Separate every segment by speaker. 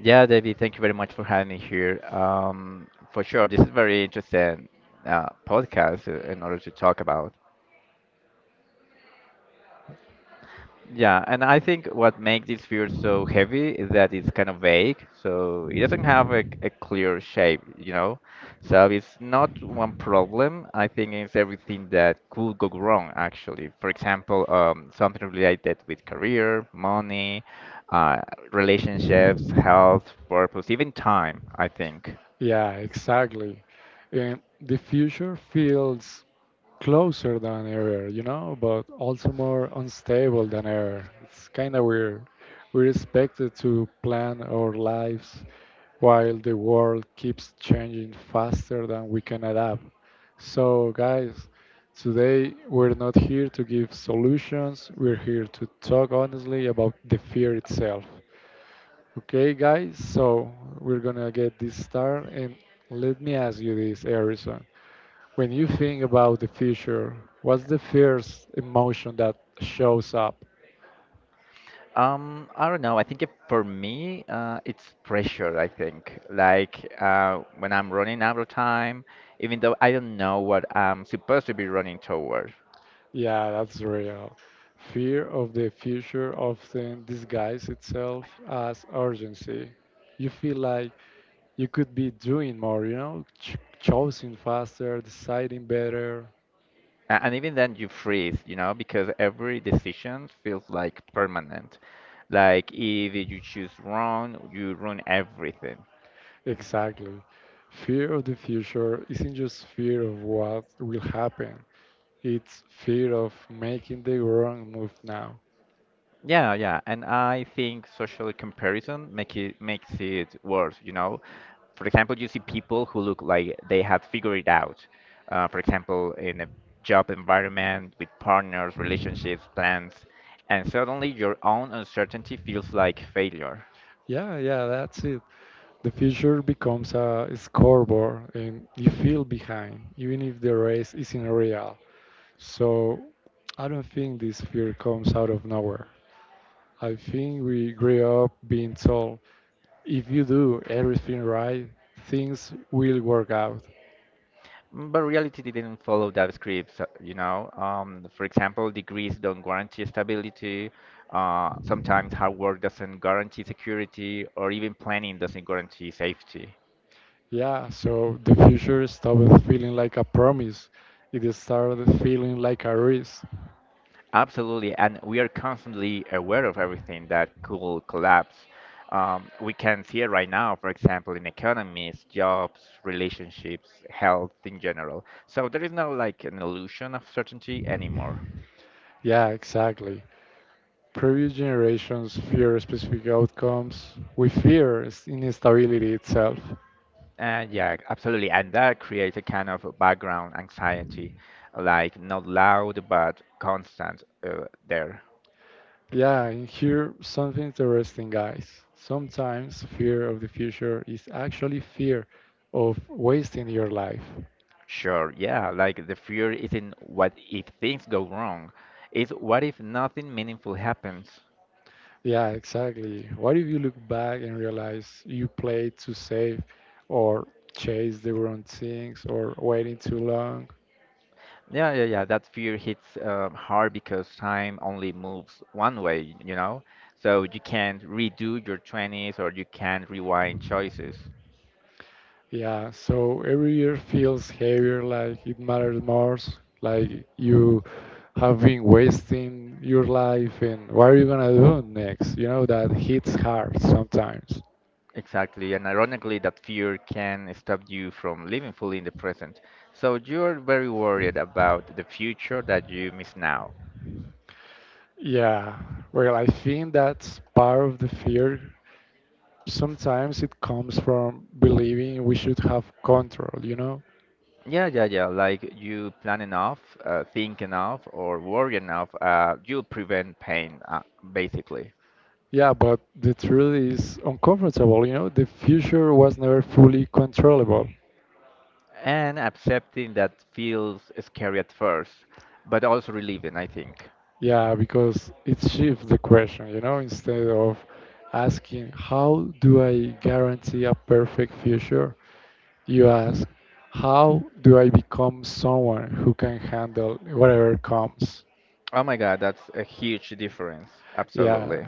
Speaker 1: Yeah, David, thank you very much for having me here. For sure, this is very interesting podcast in order to talk about. Yeah, and I think what makes this field so heavy is that it's kind of vague, so it doesn't have a clear shape, you know. So it's not one problem. I think it's everything that could go wrong, actually. For example, something related with career, money, uh, relationships, health, purpose, even time, I think. I don't know. I think it, for me, it's pressure, I think. Like when I'm running out of time, even though I don't know what I'm supposed to be running toward. And even then, you freeze, you know, because every decision feels like permanent. Like if you choose wrong, you ruin everything. Yeah, yeah, and I think social comparison makes it worse, you know. For example, you see people who look like they have figured it out. For example, in a job environment with partners, relationships, plans, and suddenly your own uncertainty feels like failure. Mm, but reality didn't follow that script, so. For example, degrees don't guarantee stability. Sometimes hard work doesn't guarantee security, or even planning doesn't guarantee safety. Absolutely, and we are constantly aware of everything that could collapse. We can see it right now, for example, in economies, jobs, relationships, health in general. So there is no like an illusion of certainty anymore. And yeah, absolutely, and that creates a kind of background anxiety, like not loud but constant there. Sure, yeah, like the fear isn't what if things go wrong, it's what if nothing meaningful happens. Yeah, yeah, yeah. That fear hits hard because time only moves one way, you know? So you can't redo your 20s or you can't rewind choices. Exactly. And ironically, that fear can stop you from living fully in the present. So you're very worried about the future that you miss now. Yeah, yeah, yeah. Like you plan enough, think enough, or worry enough, you prevent pain, basically. And accepting that feels scary at first, but also relieving, I think. Oh my God, that's a huge difference. Absolutely.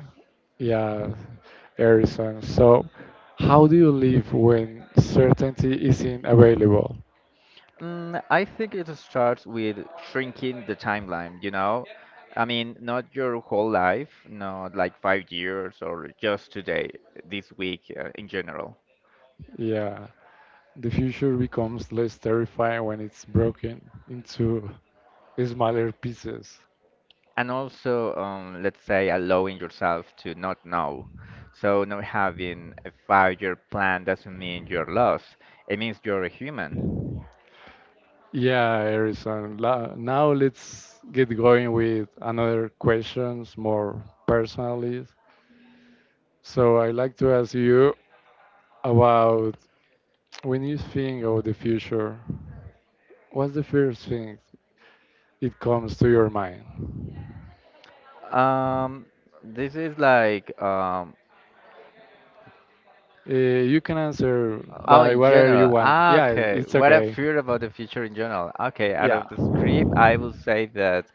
Speaker 1: Mm, I think it starts with shrinking the timeline, you know? I mean, not your whole life, not like 5 years or just today, this week in general. And also, let's say, allowing yourself to not know. So, not having a five-year plan doesn't mean you're lost. It means you're a human. Um, this is like. Oh, in general. Ah, okay. What I fear about the future in general. Okay, out of the script, I will say that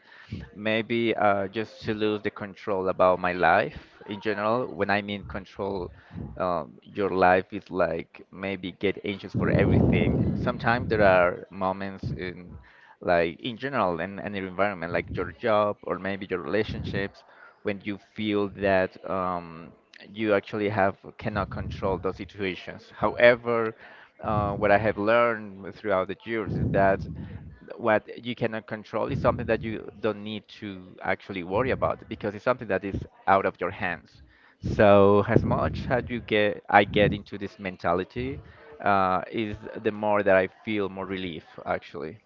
Speaker 1: maybe just to lose the control about my life in general. When I mean control, your life is like maybe get anxious for everything. Sometimes there are moments in, like in general, in any environment, like your job or maybe your relationships, when you feel that you actually have cannot control those situations. However, what I have learned throughout the years is that what you cannot control is something that you don't need to actually worry about because it's something that is out of your hands. So as much as you get, I get into this mentality, is the more that I feel more relief actually.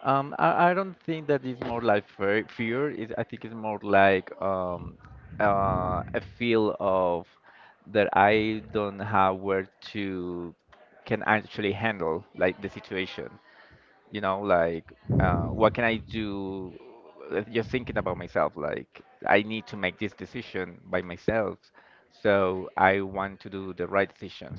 Speaker 1: I don't think that it's more like fear. It, I think it's more like a feel of that I don't have where to can actually handle like the situation. You know like what can I do? Just thinking about myself like I need to make this decision by myself, so I want to do the right decisions.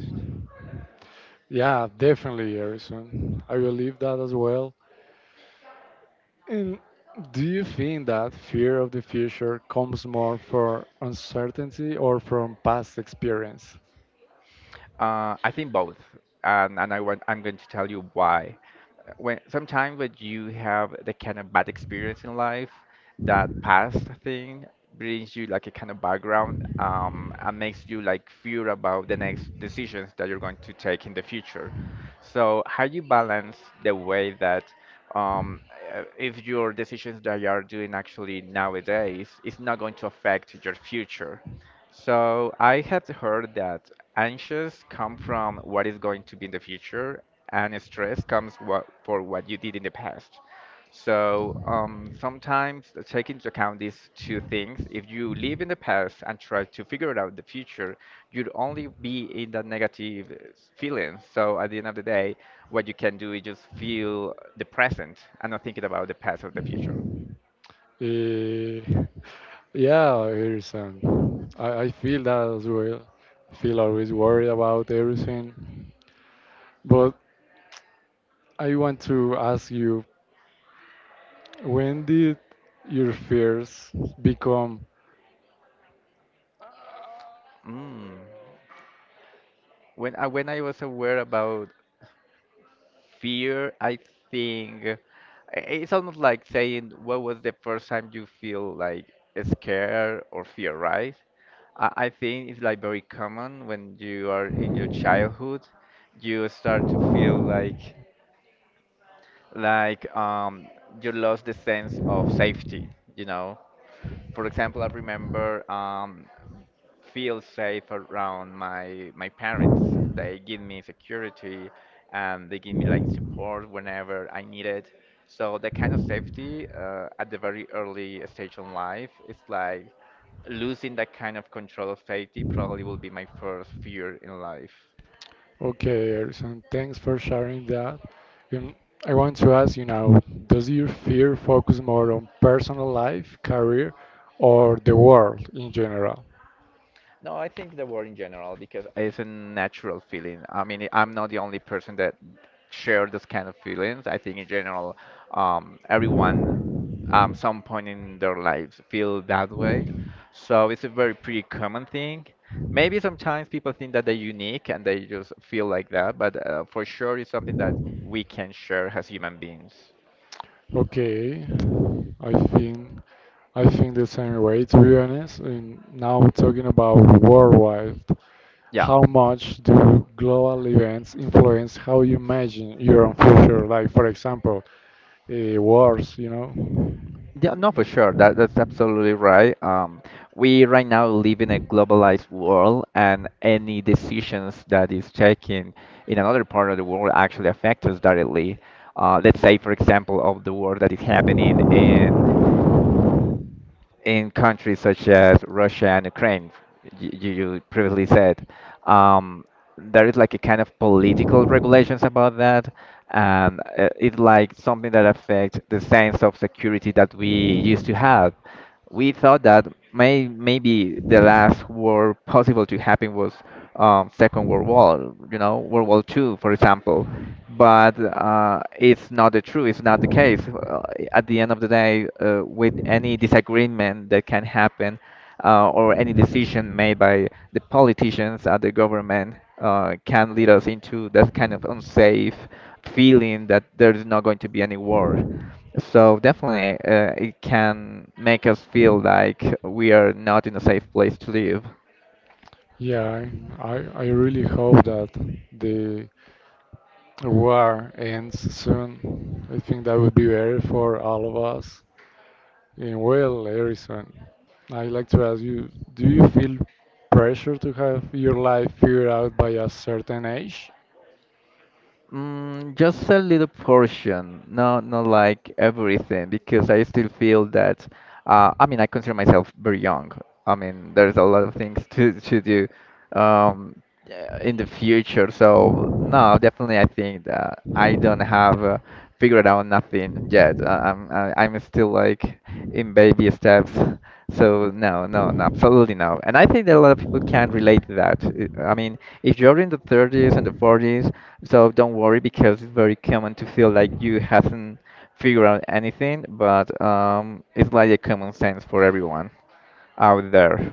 Speaker 1: I think both, and I want, I'm going to tell you why. When sometimes when you have the kind of bad experience in life, that past thing brings you like a kind of background and makes you like fear about the next decisions that you're going to take in the future. So how you balance the way that um, if your decisions that you are doing actually nowadays is not going to affect your future, so I have heard that anxious come from what is going to be in the future, and stress comes what, for what you did in the past. So sometimes take into account these two things. If you live in the past and try to figure out the future, you'd only be in the negative feelings. So at the end of the day, what you can do is just feel the present and not thinking about the past or the future. Mm. When I was aware about fear, I think it's almost like saying, what was the first time you feel like scared or fear, right? I think it's like very common when you are in your childhood, you start to feel like you lost the sense of safety, you know? For example, I remember feel safe around my parents. They give me security and they give me like support whenever I need it. So that kind of safety at the very early stage in life, it's like losing that kind of control of safety probably will be my first fear in life.
Speaker 2: Okay, Erson, thanks for sharing that. Um, I want to ask you now, does your fear focus more on personal life, career, or the world in general?
Speaker 1: No, I think the word in general because it's a natural feeling. I mean, I'm not the only person that share this kind of feelings. I think in general, everyone some point in their lives feel that way. So it's a very pretty common thing. Maybe sometimes people think that they're unique and they just feel like that, but for sure it's something that we can share as human beings.
Speaker 2: Okay, I think I think the same way, to be honest. And now talking about worldwide,
Speaker 1: Yeah.
Speaker 2: how much do global events influence how you imagine your own future? Like, for example, wars,
Speaker 1: Yeah, no, for sure. That's absolutely right. We right now live in a globalized world, and any decisions that is taken in another part of the world actually affect us directly. Let's say, for example, of the war that is happening in countries such as Russia and Ukraine, you previously said, um, there is like a kind of political regulations about that, and it's like something that affects the sense of security that we used to have. We thought that maybe the last war possible to happen was Second World War, you know, World War Two, for example, but it's not the true. It's not the case. At the end of the day, with any disagreement that can happen, or any decision made by the politicians at the government, can lead us into that kind of unsafe feeling that there is not going to be any war. So definitely, it can make us feel like we are not in a safe place to live.
Speaker 2: Yeah, I really hope that the war ends soon. I think that would be better for all of us. And well, Harrison, I'd like to ask you, do you feel pressure to have your life figured out by a certain age?
Speaker 1: Mm, just a little portion, not like everything, because I still feel that I mean I consider myself very young. I mean there's a lot of things to do um, in the future. So no, definitely I think that I don't have. Figured out nothing yet. I'm still like in baby steps. So no, no, no, absolutely no. And I think that a lot of people can relate to that. I mean, if you're in the 30s and the 40s, so don't worry because it's very common to feel like you haven't figured out anything. But it's like a common sense for everyone out there.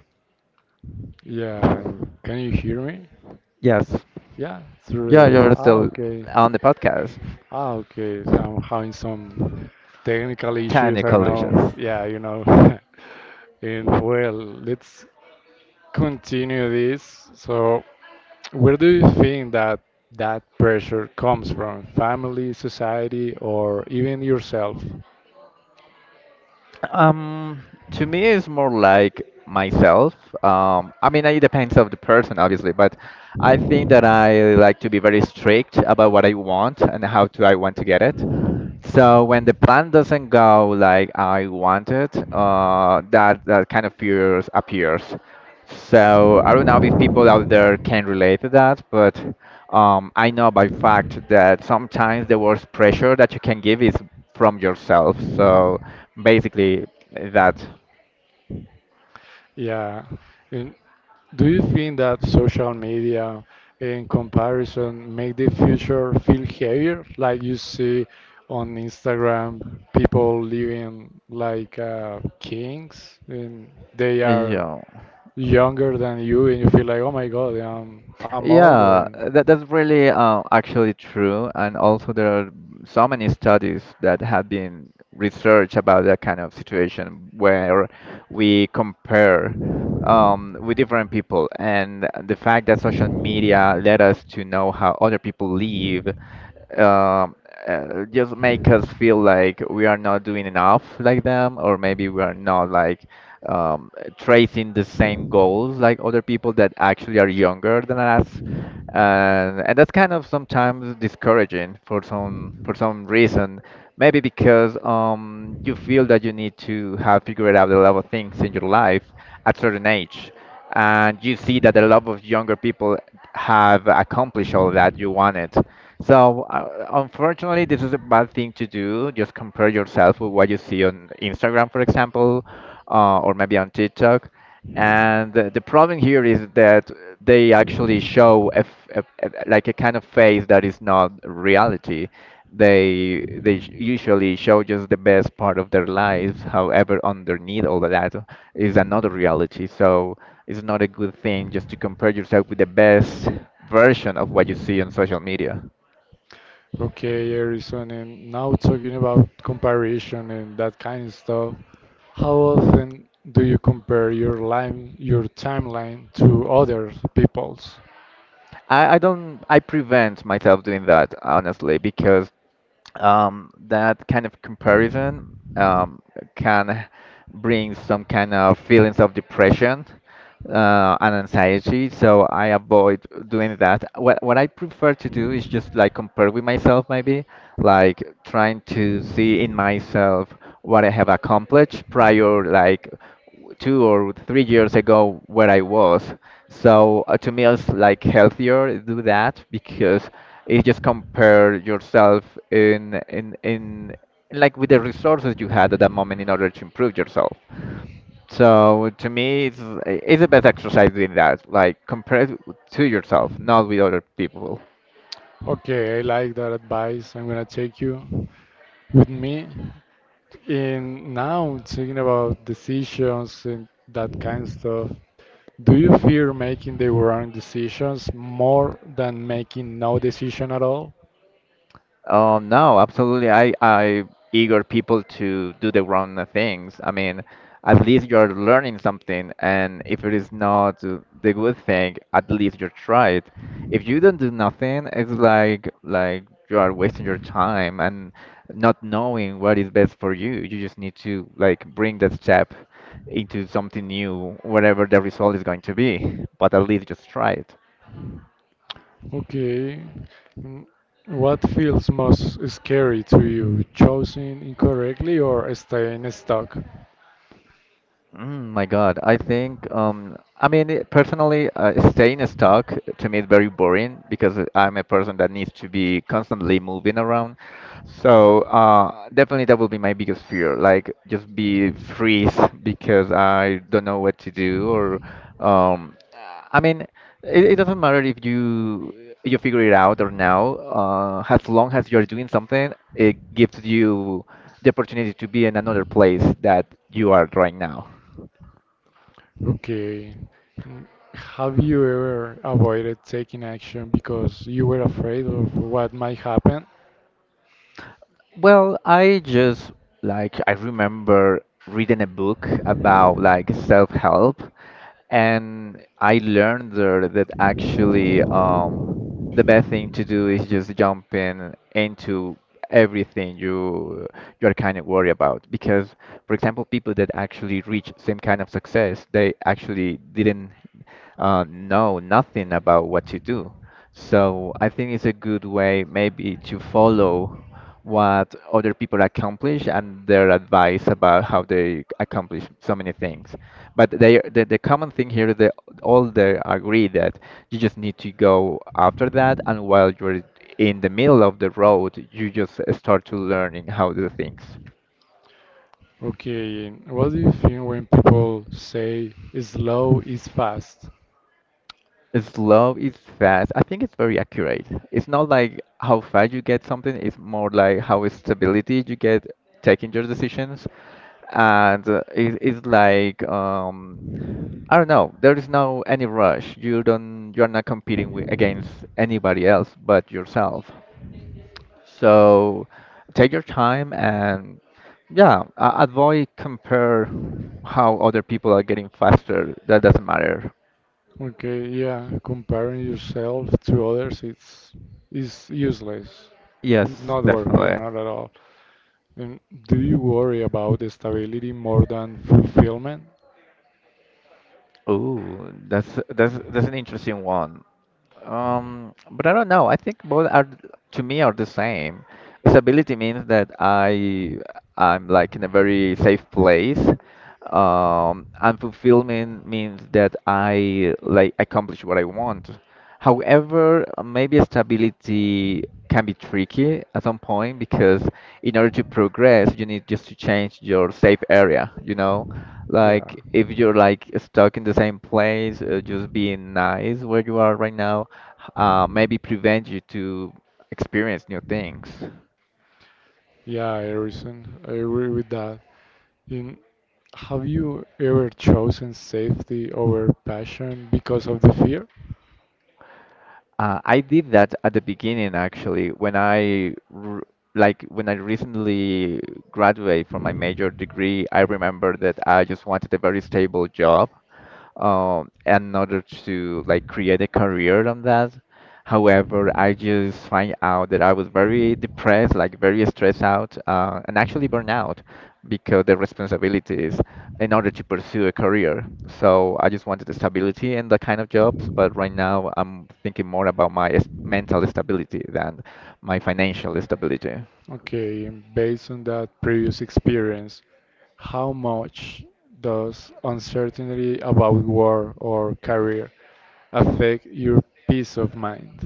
Speaker 2: Yeah, can you hear me?
Speaker 1: Yes.
Speaker 2: Yeah, through
Speaker 1: Yeah,
Speaker 2: the
Speaker 1: you're still
Speaker 2: okay.
Speaker 1: on the podcast.
Speaker 2: Okay. So I'm having some technical issues. I don't
Speaker 1: Technical dishes.
Speaker 2: know. Yeah, And well, let's continue this. So, where do you think that that pressure comes from? Family, society, or even yourself?
Speaker 1: Um, to me, it's more like myself. I mean, it depends of the person, obviously, but I think that I like to be very strict about what I want and how do I want to get it. So when the plan doesn't go like I wanted, that kind of fears appears. So I don't know if people out there can relate to that, but I know by fact that sometimes the worst pressure that you can give is from yourself. So basically, that
Speaker 2: Yeah. And do you think that social media, in comparison, make the future feel heavier? Like you see on Instagram, people living like kings, and they are
Speaker 1: yeah.
Speaker 2: younger than you, and you feel like, oh my God, I'm
Speaker 1: Yeah,
Speaker 2: older.
Speaker 1: that's really actually true. And also, there are so many studies that have been researched about that kind of situation where we compare with different people. And the fact that social media led us to know how other people live um, just make us feel like we are not doing enough like them, or maybe we are not like um, tracing the same goals like other people that actually are younger than us. And that's kind of sometimes discouraging for some reason. Maybe because you feel that you need to have figured out the love of things in your life at certain age, and you see that the love of younger people have accomplished all that you wanted. So unfortunately, this is a bad thing to do. Just compare yourself with what you see on Instagram, for example, or maybe on TikTok. And the problem here is that they actually show a, f- a- like a kind of face that is not reality. They usually show just the best part of their lives. However, underneath all of that is another reality. So it's not a good thing just to compare yourself with the best version of what you see on social media.
Speaker 2: Okay, Harrison, and now talking about comparison and that kind of stuff, how often do you compare your timeline to other people's?
Speaker 1: I don't I prevent myself doing that honestly because that kind of comparison can bring some kind of feelings of depression and anxiety. So I avoid doing that. What I prefer to do is just like compare with myself, maybe like trying to see in myself what I have accomplished prior, like 2 or 3 years ago where I was. So to me, it's like healthier do that because it just compare yourself in like with the resources you had at that moment in order to improve yourself. So to me, it's the best exercise doing that, like compare it to yourself, not with other people.
Speaker 2: Okay, I like that advice. I'm gonna take you with me. And now talking about decisions and that kind of stuff, do you fear making the wrong decisions more than making no decision at all?
Speaker 1: No, absolutely. I eager people to do the wrong things. I mean, at least you're learning something, and if it is not the good thing, at least you tried. If you don't do nothing, it's like you are wasting your time and not knowing what is best for you. You just need to like bring that step into something new, whatever the result is going to be. But at least just try it.
Speaker 2: Okay. Mm, What feels most scary to you, choosing incorrectly or staying stuck?
Speaker 1: Mm, my God, I think personally, staying stuck to me is very boring because I'm a person that needs to be constantly moving around. So definitely that will be my biggest fear, like just be freeze because I don't know what to do or um, I mean, it doesn't matter if you you figure it out or now. As long as you're doing something, it gives you the opportunity to be in another place that you are right now.
Speaker 2: Okay. Mm, Have you ever avoided taking action because you were afraid of what might happen?
Speaker 1: Well, I just like I remember reading a book about like self-help, and I learned there that actually the best thing to do is just jump in into everything you you're kind of worried about. Because, for example, people that actually reach same kind of success, they actually didn't know nothing about what to do. So I think it's a good way maybe to follow what other people accomplish and their advice about how they accomplish so many things. But the common thing here is that all they agree that you just need to go after that, and while you're in the middle of the road, you just start to learning how to do things.
Speaker 2: Okay, what do you think when people say slow is fast?
Speaker 1: Slow is fast. I think it's very accurate. It's not like how fast you get something. It's more like how stability you get taking your decisions, and it's like I don't know. There is no any rush. You don't. You're not competing with, against anybody else but yourself. So take your time and yeah, avoid compare how other people are getting faster. That doesn't matter.
Speaker 2: Okay, yeah, comparing yourself to others it's is useless.
Speaker 1: Yes,
Speaker 2: It's not worth it,
Speaker 1: definitely.
Speaker 2: not at all. And do you worry about stability more than fulfillment?
Speaker 1: Ooh, that's an interesting one. But I don't know. I think both are to me are the same. Stability means that I'm like in a very safe place. And fulfillment means that I like accomplish what I want. However, maybe stability can be tricky at some point because in order to progress, you need just to change your safe area, you know?
Speaker 2: Yeah.
Speaker 1: Like if you're like stuck in the same place, just being nice where you are right now, maybe prevent you to experience new things.
Speaker 2: Yeah, Harrison, I agree with that. In, have you ever chosen safety over passion because of the fear?
Speaker 1: I did that at the beginning actually when I r like when I recently graduated from my major degree, I remember that I just wanted a very stable job in order to like create a career on that. However, I just find out that I was very depressed, like very stressed out, and actually burnout because the responsibilities in order to pursue a career. So I just wanted the stability in that kind of jobs, but right now I'm thinking more about my mental stability than my financial stability.
Speaker 2: Okay, and based on that previous experience, how much does uncertainty about work or career affect your peace of mind?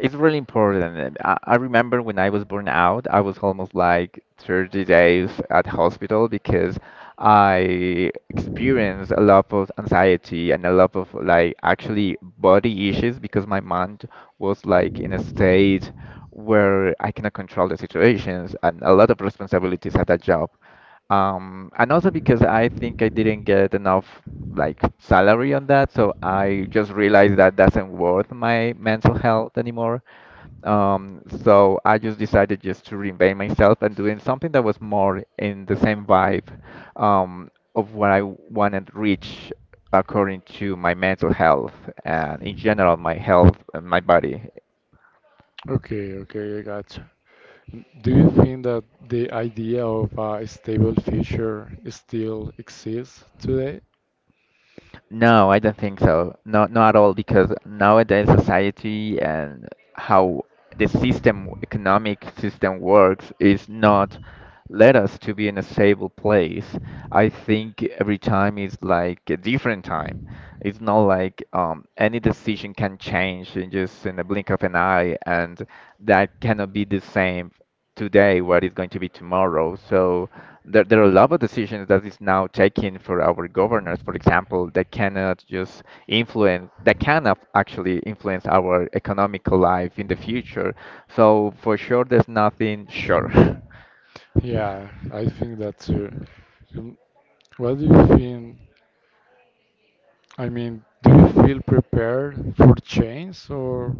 Speaker 1: It's really important. I remember when I was born out, I was almost like 30 days at hospital because I experienced a lot of anxiety and a lot of like actually body issues because my mind was like in a state where I cannot control the situations and a lot of responsibilities at that job. And also because I think I didn't get enough like salary on that, so I just realized that doesn't worth my mental health anymore. So I just decided just to reinvent myself and doing something that was more in the same vibe um, of what I wanted to reach according to my mental health and in general my health and my body.
Speaker 2: Okay, okay, I gotcha. Do you think that the idea of a stable future still exists today?
Speaker 1: No, I don't think so. Not not at all, because nowadays society and how the system, economic system works is not let us to be in a stable place. I think every time is like a different time. It's not like any decision can change in just in the blink of an eye, and that cannot be the same today what is going to be tomorrow. So there are a lot of decisions that is now taken for our governors, for example, that cannot just influence, that cannot actually influence our economical life in the future. So for sure, there's nothing sure.
Speaker 2: Yeah, I think that too. Um, what do you think? I mean, do you feel prepared for change or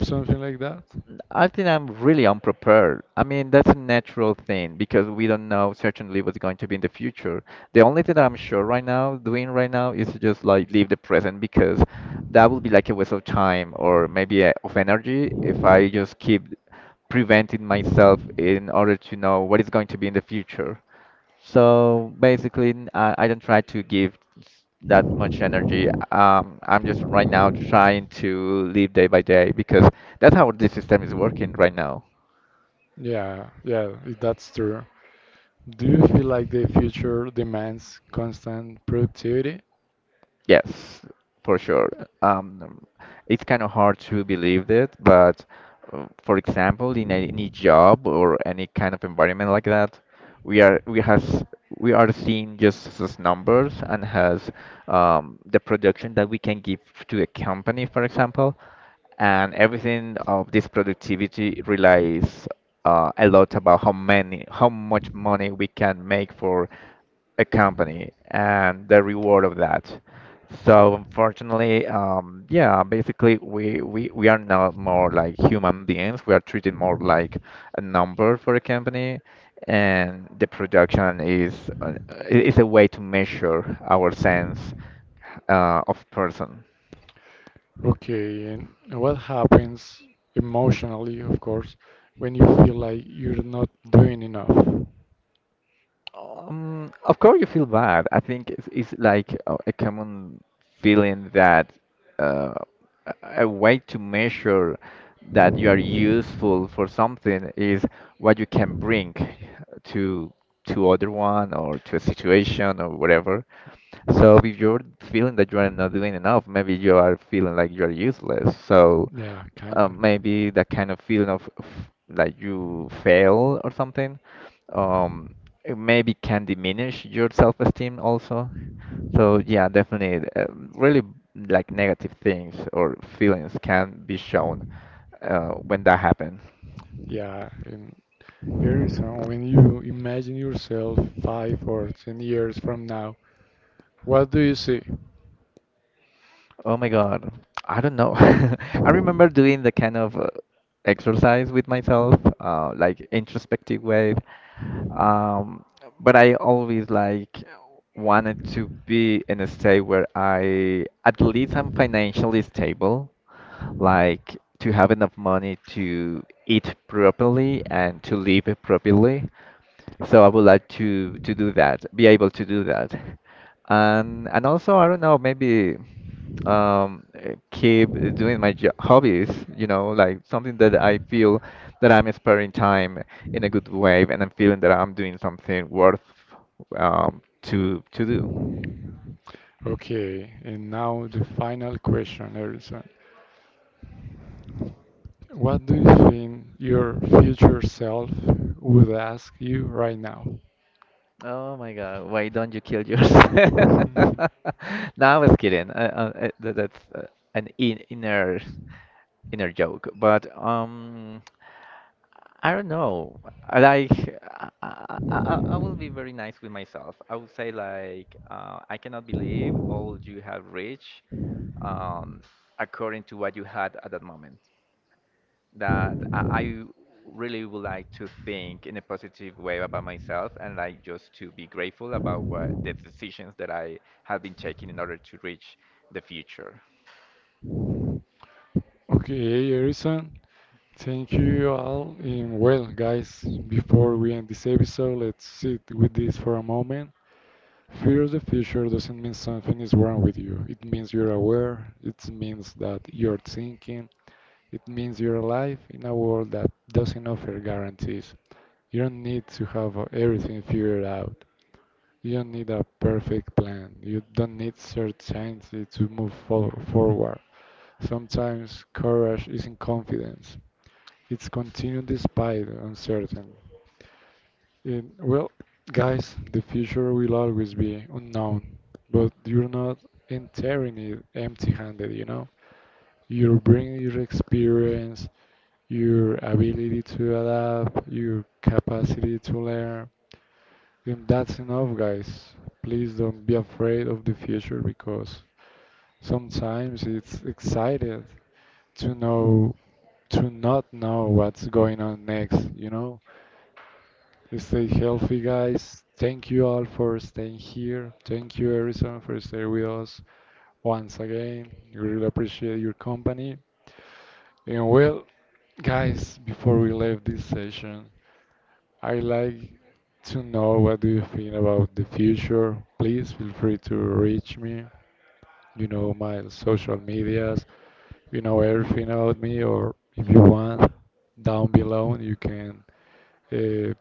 Speaker 2: something like that?
Speaker 1: I think I'm really unprepared. I mean, that's a natural thing because we don't know certainly what's going to be in the future. The only thing that I'm sure right now, doing right now, is to just like leave the present because that would be like a waste of time or maybe of energy if I just keep preventing myself in order to know what is going to be in the future. So basically, I don't try to give that much energy. I'm just right now trying to live day by day because that's how this system is working right now.
Speaker 2: Yeah, yeah, that's true. Do you feel like the future demands constant productivity?
Speaker 1: Yes, for sure. Um, it's kind of hard to believe that, but for example, in any job or any kind of environment like that, we are we has we are seeing just as numbers and has the production that we can give to a company, for example, and everything of this productivity relies a lot about how many, how much money we can make for a company and the reward of that. So unfortunately, yeah, basically we are not more like human beings. We are treated more like a number for a company, and the production is is a way to measure our sense of person.
Speaker 2: Okay, and what happens, emotionally of course, when you feel like you're not doing enough?
Speaker 1: Of course you feel bad. I think it's like a common feeling that uh, a way to measure that you are useful for something is what you can bring to to other one or to a situation or whatever. So if you're feeling that you are not doing enough, maybe you are feeling like you are useless. So
Speaker 2: Yeah, kind of.
Speaker 1: maybe that kind of feeling of that you fail or something, um, it maybe can diminish your self-esteem also. So yeah, definitely, really like negative things or feelings can be shown when that happens.
Speaker 2: Yeah, and Garrison, when you imagine yourself 5 or 10 years from now, what do you see?
Speaker 1: Oh my God. I don't know. I remember doing the kind of exercise with myself, like introspective way. Um, but I always like wanted to be in a state where I at least I'm financially stable, like to have enough money to eat properly and to live properly. So I would like to do that, be able to do that. And also I don't know, maybe keep doing my jo hobbies, you know, like something that I feel that I'm sparing time in a good way and I'm feeling that I'm doing something worth to do.
Speaker 2: Okay, and now the final question, Harrison. What do you think your future self would ask you right now? Oh
Speaker 1: Oh my God,
Speaker 2: my
Speaker 1: why don't you kill yourself?
Speaker 2: god. No, I'm
Speaker 1: No, I was
Speaker 2: kidding.
Speaker 1: kidding.
Speaker 2: I, I'm
Speaker 1: That's an in inner
Speaker 2: nervous.
Speaker 1: joke. But I don't know. I like, I will be very nice with myself. I would say like, I cannot believe all you have reached, um, according to what you had at that moment. That I really would like to think in a positive way about myself and like just to be grateful about what the decisions that I have been taking in order to reach the future.
Speaker 2: Okay, Harrison. Thank you all. And well, guys, before we end this episode, let's sit with this for a moment. Fear of the future doesn't mean something is wrong with you. It means you're aware. It means that you're thinking. It means you're alive in a world that doesn't offer guarantees. You don't need to have everything figured out. You don't need a perfect plan. You don't need certainty to move for forward. Sometimes courage isn't confidence. It's continued despite uncertain. Well, guys, the future will always be unknown, but you're not entering it empty-handed, you know? You're bringing your experience, your ability to adapt, your capacity to learn, and that's enough, guys. Please don't be afraid of the future because sometimes it's excited to know, to not know what's going on next, you know? Stay healthy, guys. Thank you all for staying here. Thank you, Harrison, for staying with us once again. We really appreciate your company. And well, guys, before we leave this session, I like to know what do you think about the future. Please feel free to reach me. You know my social medias. You know everything about me, or if you want, down below you can uh,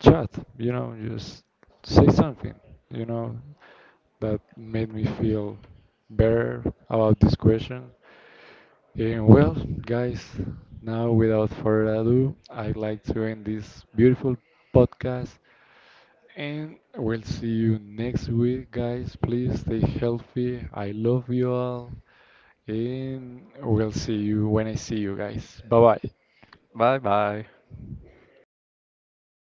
Speaker 2: chat. You know, just say something. You know that made me feel better about this question. And well, guys, now without further ado, I'd like to end this beautiful podcast. And we'll see you next week, guys. Please stay healthy. I love you all. And we'll see you when I see you guys. Bye bye.
Speaker 1: Bye bye.